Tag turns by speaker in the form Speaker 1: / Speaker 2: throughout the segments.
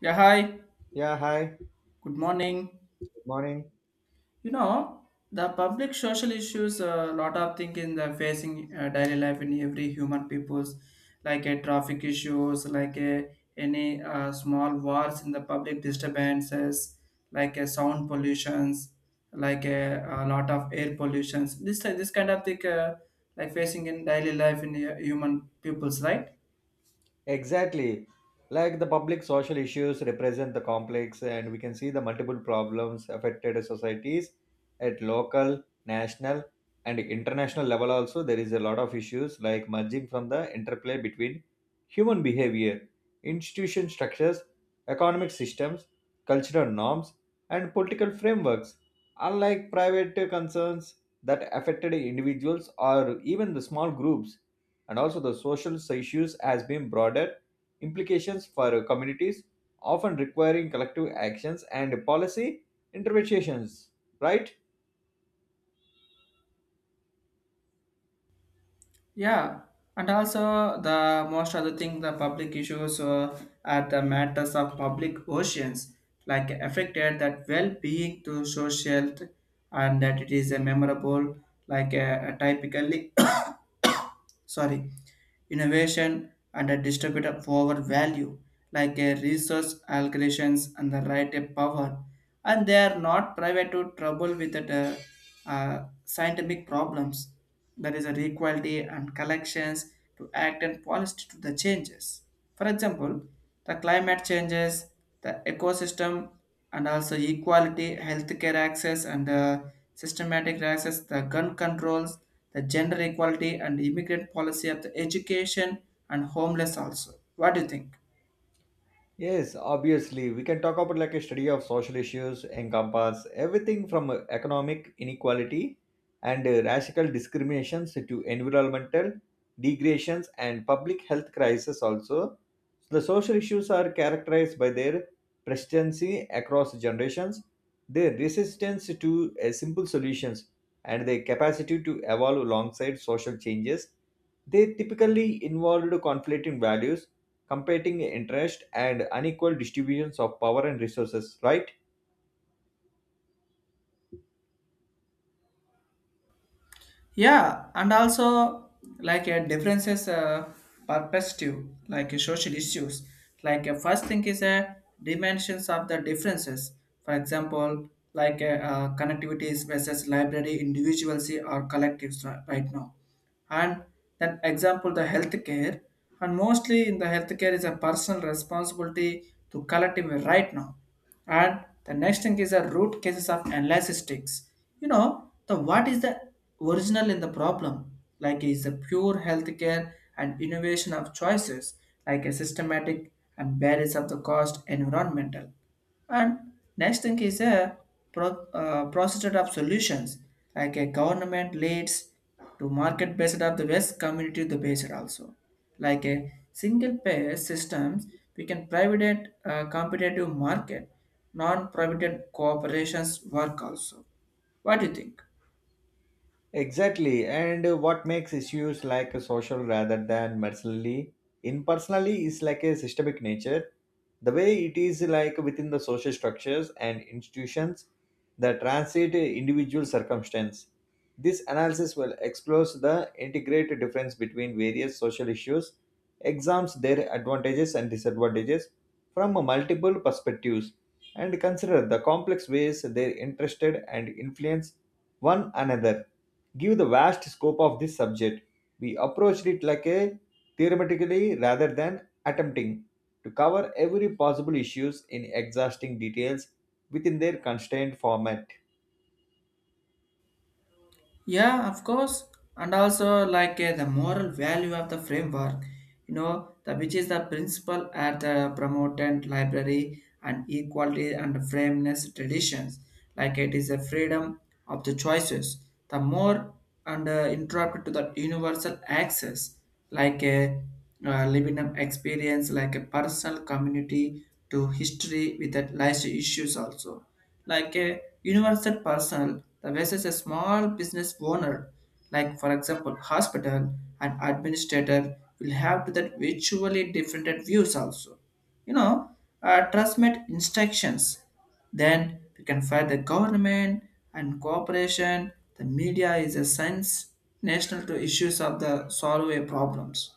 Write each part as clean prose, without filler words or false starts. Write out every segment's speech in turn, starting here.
Speaker 1: Yeah, hi.
Speaker 2: Yeah, hi. Good
Speaker 1: Good morning.
Speaker 2: morning.
Speaker 1: You know, the public social issues, a lot of thing in the facing daily life in every human people's, like a traffic issues, like a, any small wars in the public disturbances, like a sound pollutions, like a lot of air pollutions. This kind of thing, like facing in daily life in human peoples, right?
Speaker 2: Exactly. Like the public social issues represent the complex, and we can see the multiple problems affected societies at local, national, and international level. Also, there is a lot of issues like merging from the interplay between human behavior, institution structures, economic systems, cultural norms, and political frameworks. Unlike private concerns that affected individuals or even the small groups, and also the social issues has been broader implications for communities often requiring collective actions and policy interventions, right?
Speaker 1: Yeah, and also the most of the thing the public issues are the matters of public oceans, like affected that well-being to social, and that it is a memorable, like a typically sorry, innovation and a distributed forward value, like a resource allocations and the right of power, and they are not private to trouble with the scientific problems there is an equality and collections to act and policy to the changes. For example, the climate changes, the ecosystem, and also equality, healthcare access, and systematic access, the gun controls, the gender equality, and immigrant policy of the education and homeless also. What do you think?
Speaker 2: Yes, obviously, we can talk about like a study of social issues encompass everything from economic inequality and racial discriminations to environmental degradations and public health crisis also. So the social issues are characterized by their persistency across generations, their resistance to simple solutions, and their capacity to evolve alongside social changes. They typically involved conflicting values, competing interest, and unequal distributions of power and resources, right?
Speaker 1: Yeah, and also like a differences perspective, like a social issues. Like a first thing is a dimensions of the differences. For example, like a, connectivities versus library individuals or collectives right now, and then example the healthcare, and mostly in the healthcare is a personal responsibility to collective right now, and the next thing is the root cases of analysis. You know the what is the original in the problem like is the pure healthcare and innovation of choices, like a systematic and barriers of the cost environmental, and next thing is a pro, process of solutions like a government leads to market based of the West community the based also. Like a single payer systems, we can private competitive market, non-private corporations work also. What do you think?
Speaker 2: Exactly, and what makes issues like a social rather than personally impersonally is like a systemic nature. The way it is like within the social structures and institutions that translate individual circumstance. This analysis will explore the integrated difference between various social issues, examines their advantages and disadvantages from multiple perspectives, and consider the complex ways they are interested and influence one another. Given the vast scope of this subject, we approached it like a theoretically rather than attempting to cover every possible issues in exhausting details within their constrained format.
Speaker 1: Yeah, of course. And also like the moral value of the framework, you know, the which is the principle at the promotant library and equality and fairness traditions. Like it is a freedom of the choices. The more and interrupted to that universal access, like a living up experience like a personal community to history with that life issues also, like a universal personal the versus a small business owner, like for example hospital and administrator will have to that virtually different views also, you know, transmit instructions. Then we can fight the government and cooperation. The media is a sense national to issues of the solve a problems.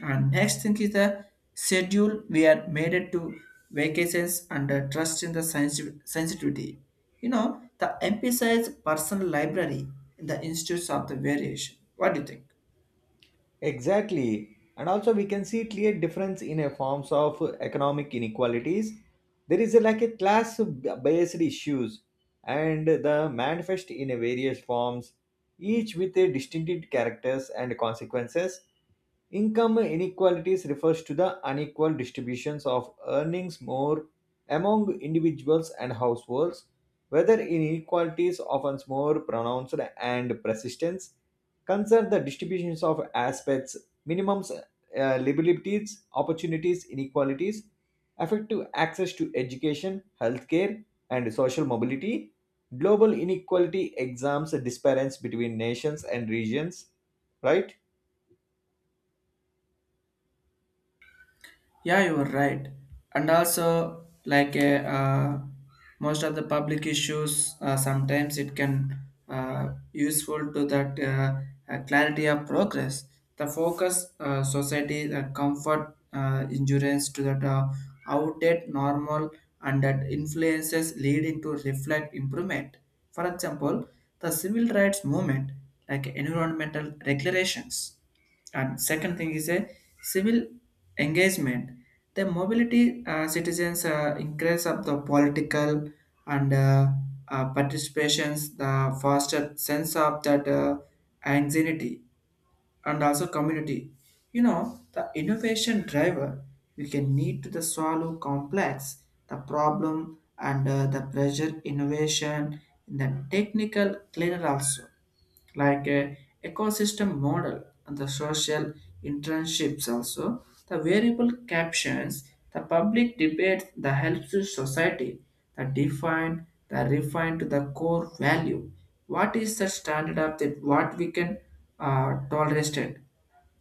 Speaker 1: And next thing is the schedule we are made it to vacations and trust in the sensitivity. You know, the emphasize personal library in the institutes of the variation. What do you think?
Speaker 2: Exactly. And also we can see clear difference in a forms of economic inequalities. There is a, like a class based issues and the manifest in a various forms, each with a distinctive characters and consequences. Income inequalities refers to the unequal distributions of earnings more among individuals and households, whether inequalities often more pronounced and persistence concern the distributions of aspects, minimums, liabilities, opportunities, inequalities, effective access to education, healthcare, and social mobility, global inequality exams, disparities between nations and regions, right?
Speaker 1: Yeah, you are right. And also, like most of the public issues, sometimes it can useful to that clarity of progress. The focus society the comfort insurance to that outdated normal and that influences leading to reflect improvement. For example, the civil rights movement, like environmental regulations, and second thing is a civil engagement. The mobility citizens increase of the political and participations, the foster sense of that anxiety and also community. You know, the innovation driver, we can need to the solve complex, the problem and the pressure innovation in the technical cleaner also, like a ecosystem model and the social internships also, the variable captions, the public debate the helps to society that define the refine to the core value, what is the standard of that what we can tolerate.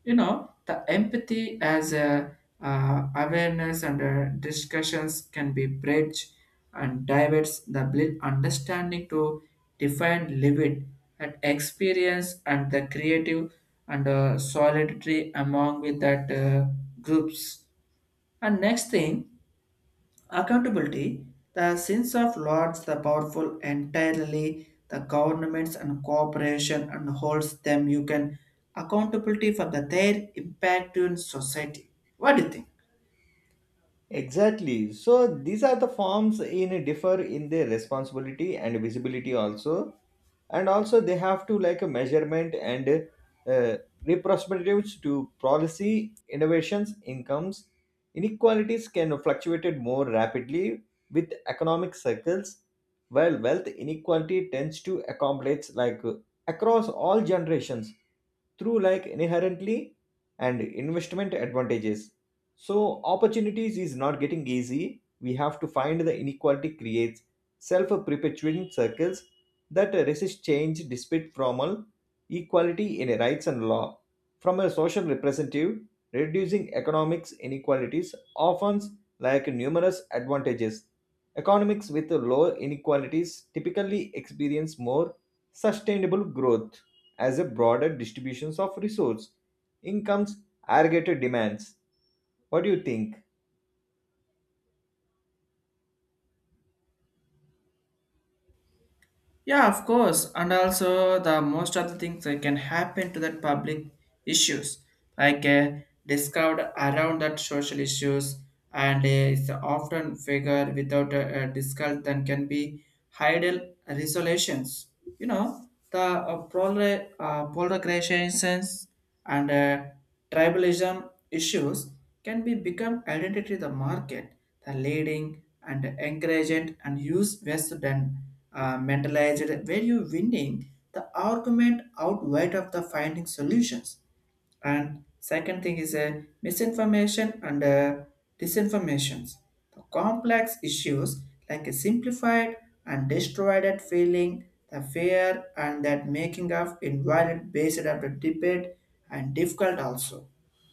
Speaker 1: You know the empathy as a awareness and discussions can be bridged and diverts the understanding to define limit at experience and the creative and solidarity among with that groups. And next thing, accountability, the sins of lords, the powerful entirely, the governments and corporation and holds them. You can accountability for the their impact in society. What do you think?
Speaker 2: Exactly. So these are the forms in differ in their responsibility and visibility also, and also they have to like a measurement and uh, representatives to policy innovations, incomes, inequalities can fluctuate more rapidly with economic cycles, while wealth inequality tends to accumulate like across all generations through like inherently and investment advantages. So opportunities is not getting easy. We have to find the inequality creates self-perpetuating circles that resist change despite formal equality in rights and law. From a social representative, reducing economics inequalities offers like numerous advantages. Economics with low inequalities typically experience more sustainable growth as a broader distributions of resource incomes aggregated demands. What do you think?
Speaker 1: Yeah, of course. And also, the most of the things that can happen to that public issues, like discovered around that social issues, and it's often figure without a, a discount than can be idle resolutions. You know, the polarizations and tribalism issues can be become identity the market, the leading and encouraged and use west than mentalized where you winning the argument out wide of the finding solutions, and second thing is a misinformation and disinformations, the complex issues like a simplified and distorted feeling, the fear and that making of invalid based of the debate and difficult also.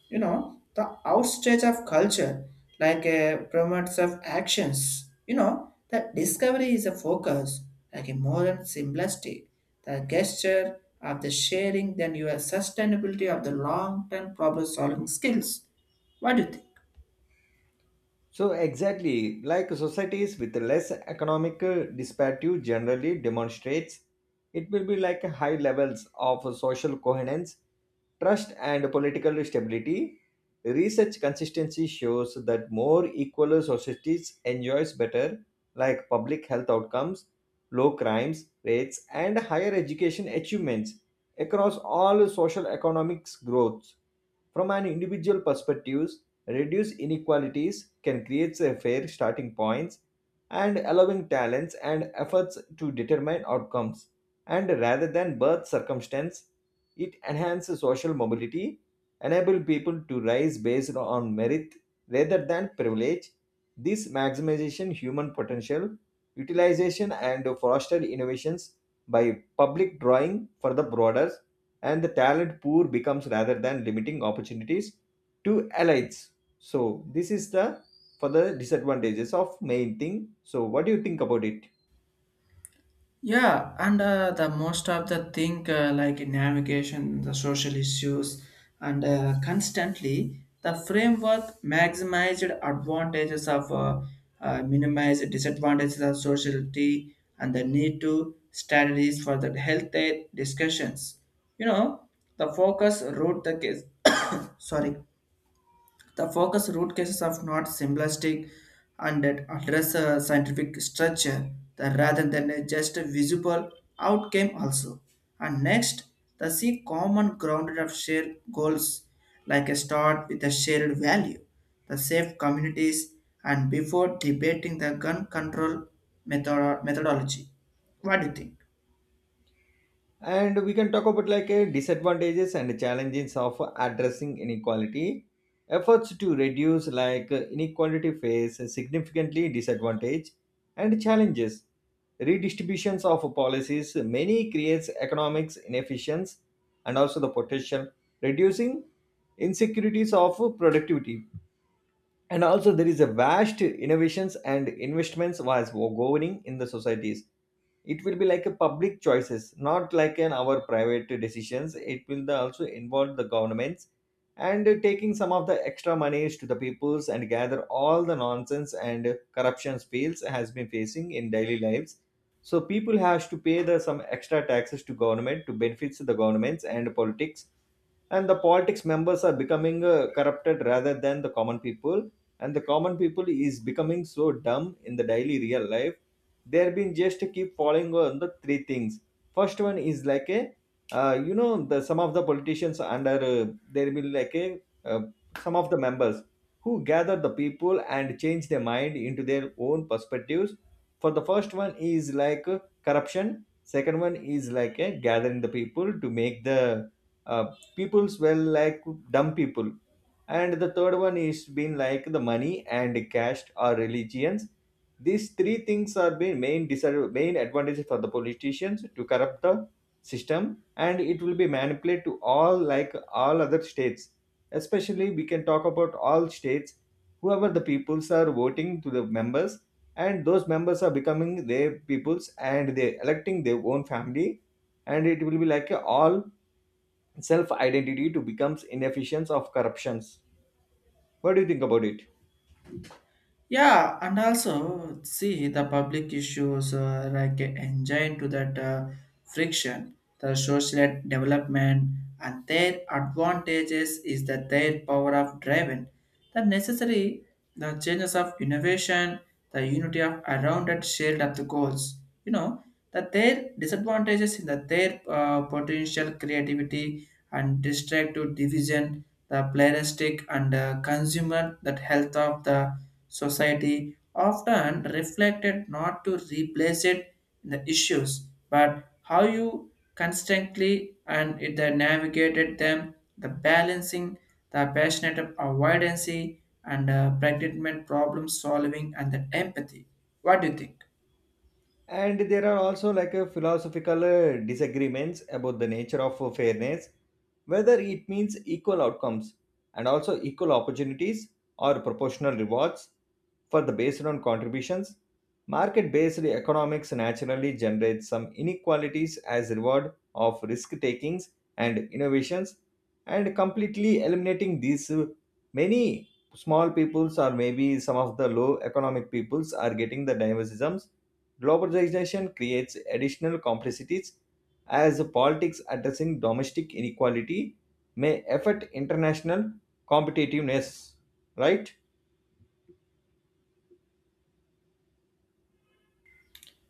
Speaker 1: You know the outstage of culture, like a promotes of actions, you know that discovery is a focus, like a modern simplistic the gesture of the sharing then your sustainability of the long-term problem solving skills. What do you think?
Speaker 2: So exactly like societies with less economic disparity generally demonstrates it will be like high levels of social coherence, trust, and political stability. Research consistency shows that more equal societies enjoys better like public health outcomes, low crimes rates, and higher education achievements across all social economics growth. From an individual perspectives, reduced inequalities can create a fair starting points and allowing talents and efforts to determine outcomes. And rather than birth circumstance, it enhances social mobility, enable people to rise based on merit rather than privilege. This maximization human potential, utilization and foster innovations by public drawing for the broader and the talent poor becomes rather than limiting opportunities to elites. So this is the for the disadvantages of main thing. So what do you think about it?
Speaker 1: Yeah, and the most of the thing like navigation, the social issues, and constantly the framework maximized advantages of minimized disadvantages of society and the need to strategies for the health aid discussions. You know, the focus wrote the case. Sorry, the focus root cases of not simplistic and that address a scientific structure the, rather than a just a visible outcome also. And next, the seek common grounded of shared goals, like a start with a shared value, the safe communities and before debating the gun control methodology. What do you think?
Speaker 2: And we can talk about like disadvantages and challenges of addressing inequality. Efforts to reduce like inequality face significantly disadvantage and challenges. Redistributions of policies many creates economics inefficiency and also the potential reducing insecurities of productivity, and also there is a vast innovations and investments was governing in the societies. It will be like a public choices, not like an our private decisions. Also involve the governments and taking some of the extra monies to the peoples and gather all the nonsense and corruption fields has been facing in daily lives. So people has to pay the some extra taxes to government to benefits the governments and politics, and the politics members are becoming corrupted rather than the common people, and the common people is becoming so dumb in the daily real life. They've been just keep following on the three things. First one is like a you know, the some of the politicians under there will like a uh, some of the members who gather the people and change their mind into their own perspectives. For the first one is like corruption. Second one is like a gathering the people to make the uh, people's well, like dumb people, and the third one is been like the money and caste or religions. These three things are been main disadvantage, main advantages for the politicians to corrupt the system, and it will be manipulated to all like all other states. Especially we can talk about all states, whoever the peoples are voting to the members, and those members are becoming their peoples and they electing their own family, and it will be like a all self identity to becomes inefficient of corruptions. What do you think about it?
Speaker 1: Yeah, and also see the public issues like engine to that friction, the social development, and their advantages is that their power of driving, the necessary the changes of innovation, the unity of around that shield of the goals. You know that their disadvantages in that their potential creativity and destructive division, the pluralistic and consumer that health of the society often reflected not to replace it in the issues, but how you constantly and it then navigated them, the balancing, the passionate avoidance and pragmatic problem solving and the empathy. What do you think?
Speaker 2: And there are also like a philosophical disagreements about the nature of fairness, whether it means equal outcomes and also equal opportunities or proportional rewards for the based on contributions. Market based economics naturally generates some inequalities as reward of risk takings and innovations, and completely eliminating these many small peoples or maybe some of the low economic peoples are getting the diversisms. Globalization creates additional complexities as politics addressing domestic inequality may affect international competitiveness, right?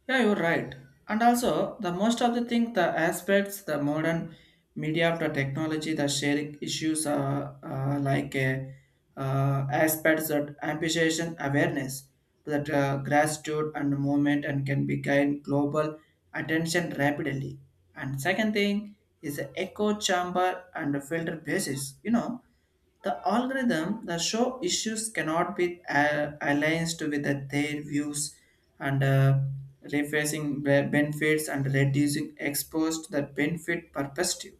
Speaker 1: Yeah, you're right. And also, the most of the thing, the aspects, the modern media of the technology, the sharing issues are aspects that amplification awareness, that gratitude and movement and can be gain global attention rapidly. And second thing is the echo chamber and the filter basis. You know, the algorithm that show issues cannot be aligned with their views and rephrasing benefits and reducing exposed the benefit perspective.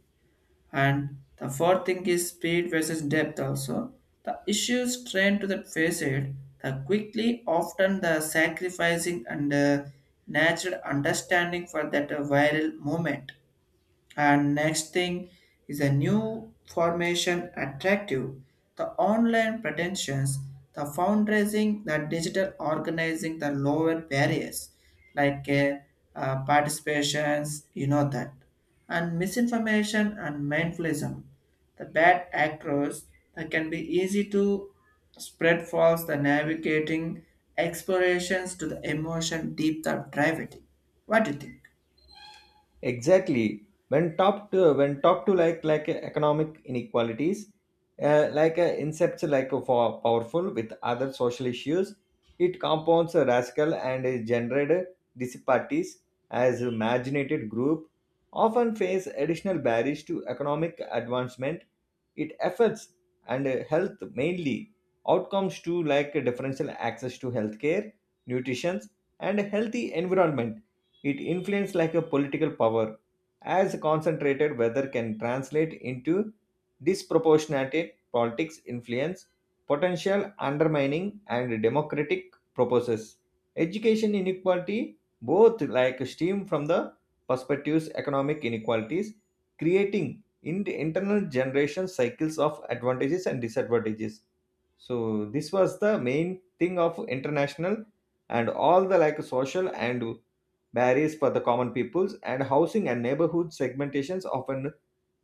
Speaker 1: And the fourth thing is speed versus depth also. The issues trend to the facet the quickly often the sacrificing and natural understanding for that viral moment, and next thing is a new formation attractive, the online pretensions, the fundraising, the digital organizing, the lower barriers like participations, you know that, and misinformation and mindfulism, the bad actors that can be easy to spread false, the navigating explorations to the emotion deep the driving. What do you think?
Speaker 2: Exactly. When top to like economic inequalities, like incepts like for powerful with other social issues, it compounds a rascal and is generated disparities as a marginated group often face additional barriers to economic advancement. It affects and health mainly outcomes to like differential access to healthcare, nutrition, and healthy environment. It influences like a political power, as concentrated weather can translate into disproportionate politics influence, potential undermining and democratic purposes. Education inequality both like stem from the perspectives economic inequalities, creating in internal generation cycles of advantages and disadvantages. So this was the main thing of international and all the like social and barriers for the common peoples, and housing and neighborhood segmentations often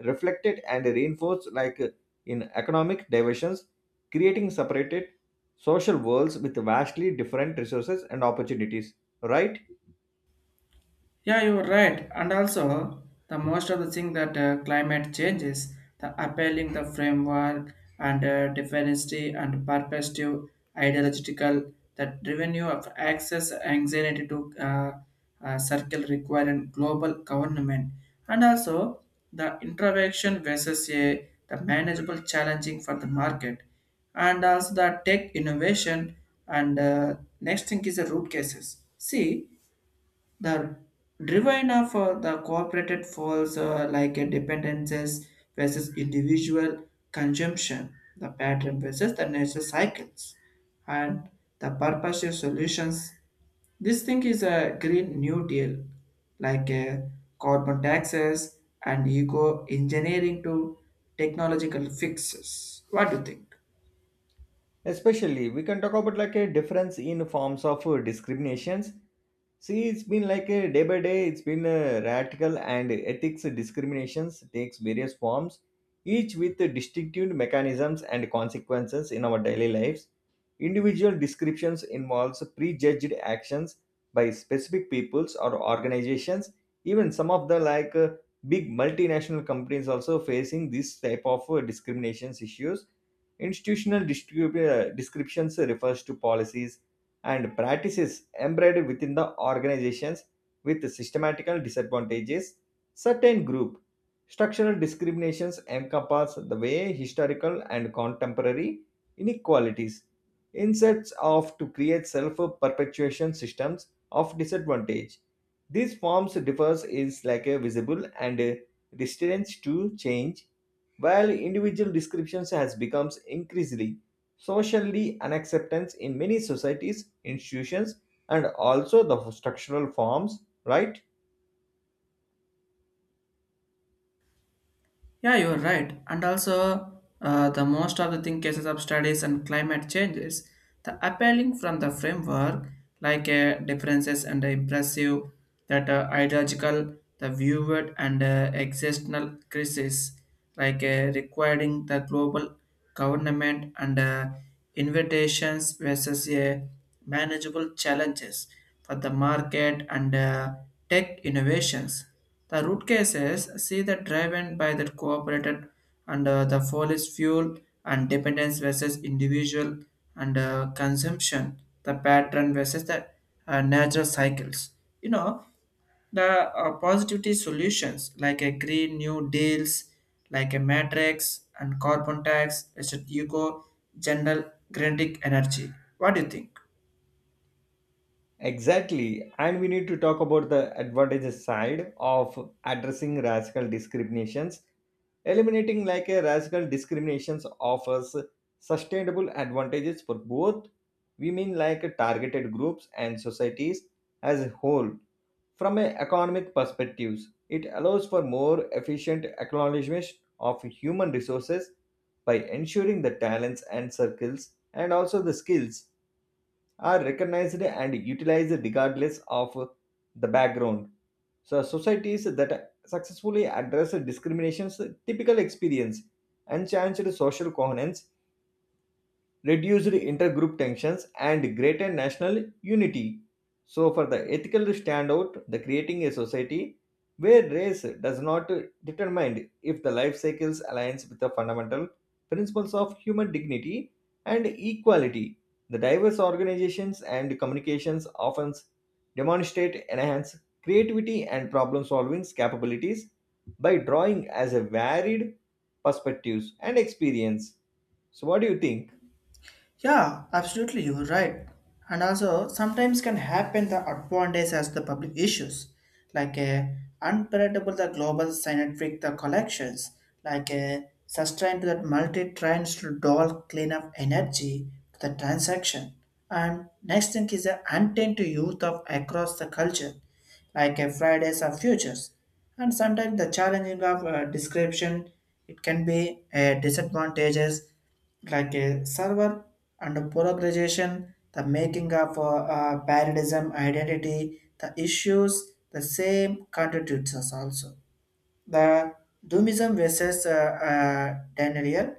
Speaker 2: reflected and reinforced like in economic divisions, creating separated social worlds with vastly different resources and opportunities, right?
Speaker 1: Yeah, you're right. And also, the most of the thing that climate changes, the appealing the framework and dependency and perspective ideological that revenue of access anxiety to uh, circle requiring global government, and also the intervention versus a, the manageable challenging for the market and also the tech innovation, and next thing is the root cases, see the Divina for the corporate falls like a dependences versus individual consumption, the pattern versus the natural cycles, and the purposive solutions. This thing is a green new deal, like a carbon taxes and eco engineering to technological fixes. What do you think?
Speaker 2: Especially we can talk about like a difference in forms of discriminations. See it's been like a day by day, it's been a radical and ethics discriminations takes various forms, each with distinctive mechanisms and consequences in our daily lives. Individual descriptions involves prejudged actions by specific peoples or organizations. Even some of the like big multinational companies also facing this type of discriminations issues. Institutional descriptions refers to policies and practices embedded within the organizations with systematical disadvantages. Certain group structural discriminations encompass the way historical and contemporary inequalities inserts of to create self-perpetuation systems of disadvantage. These forms differs is like a visible and a resistance to change, while individual descriptions has become increasingly socially unacceptance in many societies, institutions, and also the structural forms, right?
Speaker 1: Yeah, you're right. And also, the most of the thing cases of studies and climate changes, the appealing from the framework like differences and impressive that ideological, the viewed and existential crisis like requiring the global government and invitations versus a manageable challenges for the market and tech innovations, the root cases see the driven by the cooperated and the fossil fuel and dependence versus individual and consumption, the pattern versus the natural cycles. You know, the positivity solutions like a green new deals, like a matrix and carbon tax, it's a eco general kinetic energy. What do you think?
Speaker 2: Exactly. And we need to talk about the advantages side of addressing racial discriminations. Eliminating like a racial discriminations offers sustainable advantages for both women like targeted groups and societies as a whole. From an economic perspective, it allows for more efficient acknowledgement of human resources by ensuring the talents and circles and also the skills are recognized and utilized regardless of the background. So societies that successfully address discriminations typical experience, enhanced social coherence, reduced intergroup tensions, and greater national unity. So, for the ethical standout, the creating a society where race does not determine if the life cycles aligns with the fundamental principles of human dignity and equality. The diverse organizations and communications often demonstrate enhanced creativity and problem solving capabilities by drawing as a varied perspectives and experience. So, what do you think?
Speaker 1: Yeah, absolutely, you're right. And also, sometimes can happen the advantage as the public issues, like a unpredictable the global synthetic the collections, like a sustained to that multi trends to doll cleanup energy to the transaction. And next thing is the intent to youth of across the culture, like a Fridays of Futures. And sometimes the challenging of description, it can be a disadvantages like a server and a polarization, the making of paradism identity, the issues, the same contributes us also. The doomism versus denial,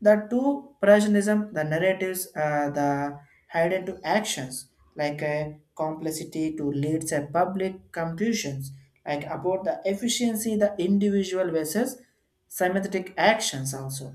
Speaker 1: the two Prussianism, the narratives, the hidden to actions, like a complexity to leads a public conclusions, like about the efficiency, the individual versus sympathetic actions also.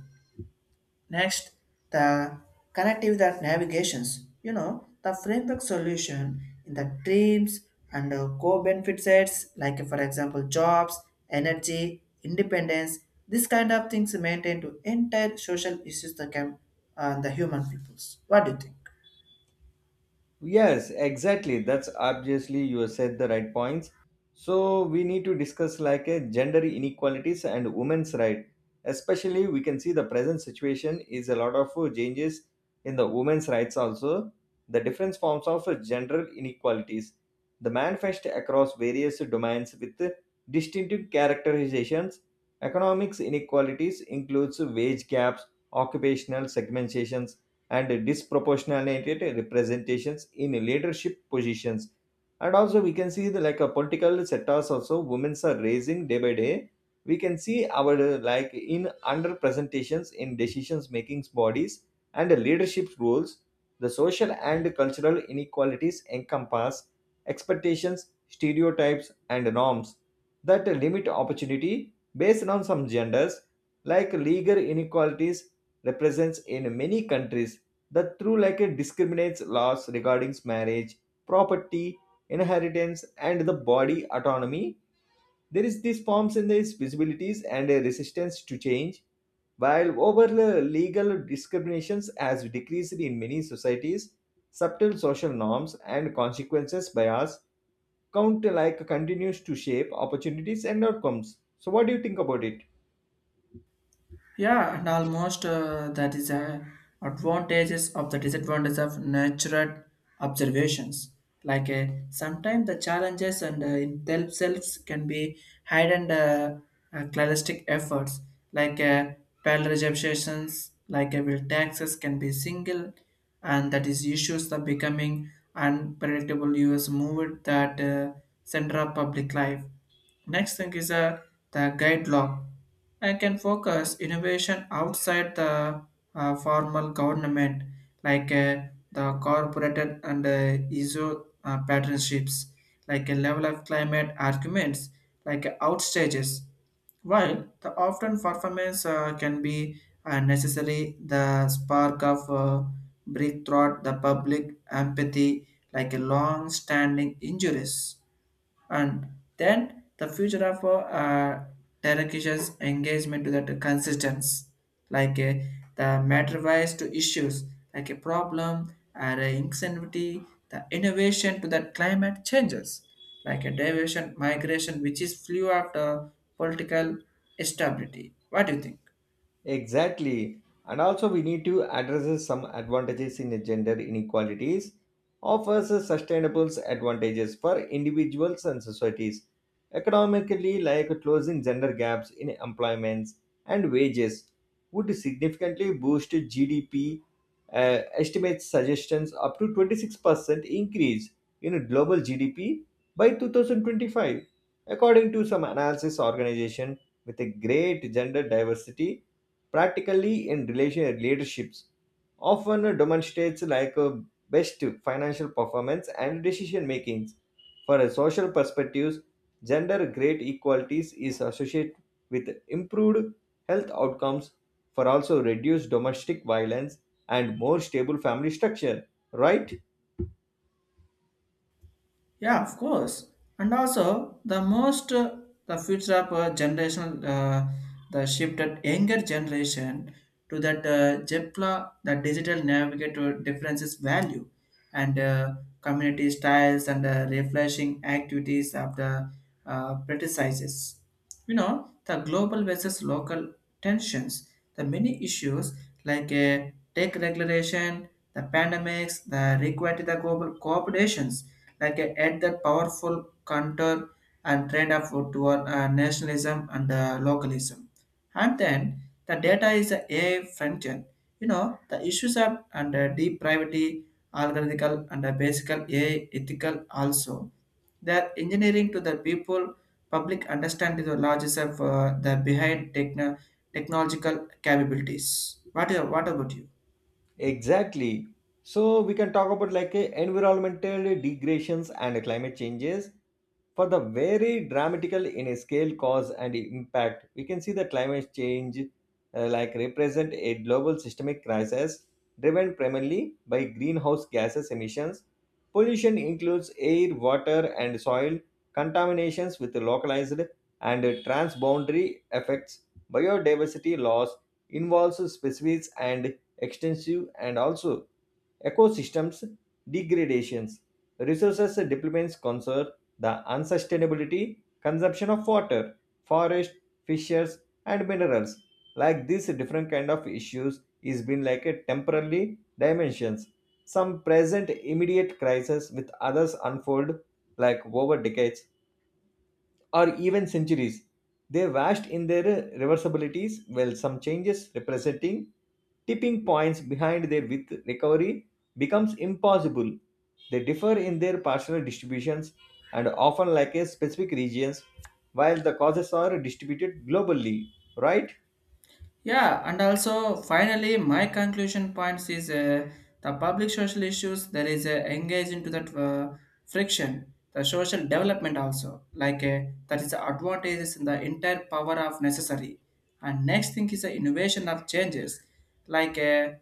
Speaker 1: Next, the connective that navigations. You know, the framework solution in the dreams and co-benefit sets, like for example, jobs, energy, independence. This kind of things maintain to entire social issues that can the human peoples. What do you think?
Speaker 2: Yes, exactly. That's obviously you said the right points. So we need to discuss like a gender inequalities and women's right. Especially we can see the present situation is a lot of changes in the women's rights also. The different forms of gender inequalities. The manifest across various domains with distinctive characterizations. Economics inequalities includes wage gaps, occupational segmentations, and disproportionate representations in leadership positions, and also we can see the like a political sectors also women are raising day by day. We can see our like in underrepresentations in decisions making bodies and leadership roles. The social and cultural inequalities encompass expectations, stereotypes, and norms that limit opportunity based on some genders. Like legal inequalities represents in many countries that through like it discriminates laws regarding marriage, property, inheritance, and the body autonomy. There is these forms in these visibilities and a resistance to change, while overall legal discriminations has decreased in many societies, subtle social norms and consequences bias count like continues to shape opportunities and outcomes. So what do you think about it?
Speaker 1: Yeah, and almost that is a advantages of the disadvantages of natural observations. Like sometimes the challenges and in themselves can be hidden cladistic efforts like pale receptions, like will taxes can be single, and that is issues of becoming unpredictable U.S. moved that center of public life. Next thing is the guide log. I can focus innovation outside the formal government, like the corporate and ISO partnerships, like a level of climate arguments, like outstages. While the often performance can be necessary, the spark of breakthrough, the public empathy, like a long-standing injuries, and then the future of Turkish's engagement to that consistency, like the matter-wise to issues, like a problem or a insanity, the innovation to that climate changes, like a diversion migration, which is flew after political stability. What do you think?
Speaker 2: Exactly. And also, we need to address some advantages in gender inequalities, offers sustainable advantages for individuals and societies, economically, like closing gender gaps in employments and wages, would significantly boost GDP. Estimates suggestions up to 26% increase in global GDP by 2025, according to some analysis organization with a great gender diversity practically in relation leaderships often demonstrates like a best financial performance and decision makings. For a social perspectives, gender grade equalities is associated with improved health outcomes for also reduced domestic violence and more stable family structure, right?
Speaker 1: Yeah, of course. And also, the most the future of generational the shifted younger generation to that JEPLA, the digital navigator differences value and community styles and refreshing activities of the practices. You know, the global versus local tensions, the many issues like tech regulation, the pandemics, the require the global cooperations, like add the powerful counter and trend of toward nationalism and localism, and then the data is a AI front end. You know the issues are under deep privacy, algorithmical, and the basic AI ethical also. The engineering to the people, public understanding the logics of the behind technological capabilities. What about you?
Speaker 2: Exactly. So we can talk about like environmental degradations and climate changes. For the very dramatical in a scale, cause, and impact, we can see that climate change like represent a global systemic crisis driven primarily by greenhouse gases emissions. Pollution includes air, water, and soil contaminations with localized and transboundary effects. Biodiversity loss involves species and extensive and also ecosystems degradations, resources depletions concern the unsustainability consumption of water, forest, fishes, and minerals. Like these different kind of issues is been like a temporarily dimensions. Some present immediate crisis with others unfold like over decades or even centuries. They vast in their reversibilities, while some changes representing tipping points behind their width recovery becomes impossible. They differ in their partial distributions and often lack a specific regions, while the causes are distributed globally, right?
Speaker 1: Yeah, and also finally, my conclusion points is the public social issues there is engaged into that friction, the social development also like that is the advantages in the entire power of necessary. And next thing is the innovation of changes like uh,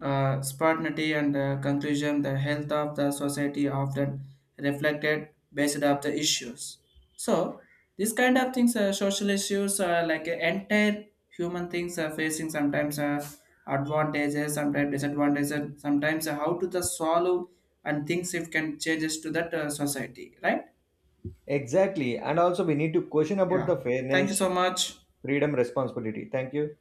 Speaker 1: uh, spontaneity and conclusion. The health of the society often reflected based of the issues. So these kind of things, social issues, entire human things are facing sometimes advantages, sometimes disadvantages, sometimes how to the solve and things if can changes to that society, right?
Speaker 2: Exactly. And also we need to question about
Speaker 1: Yeah.
Speaker 2: the
Speaker 1: Thank
Speaker 2: fairness,
Speaker 1: you so much.
Speaker 2: freedom, responsibility. Thank you.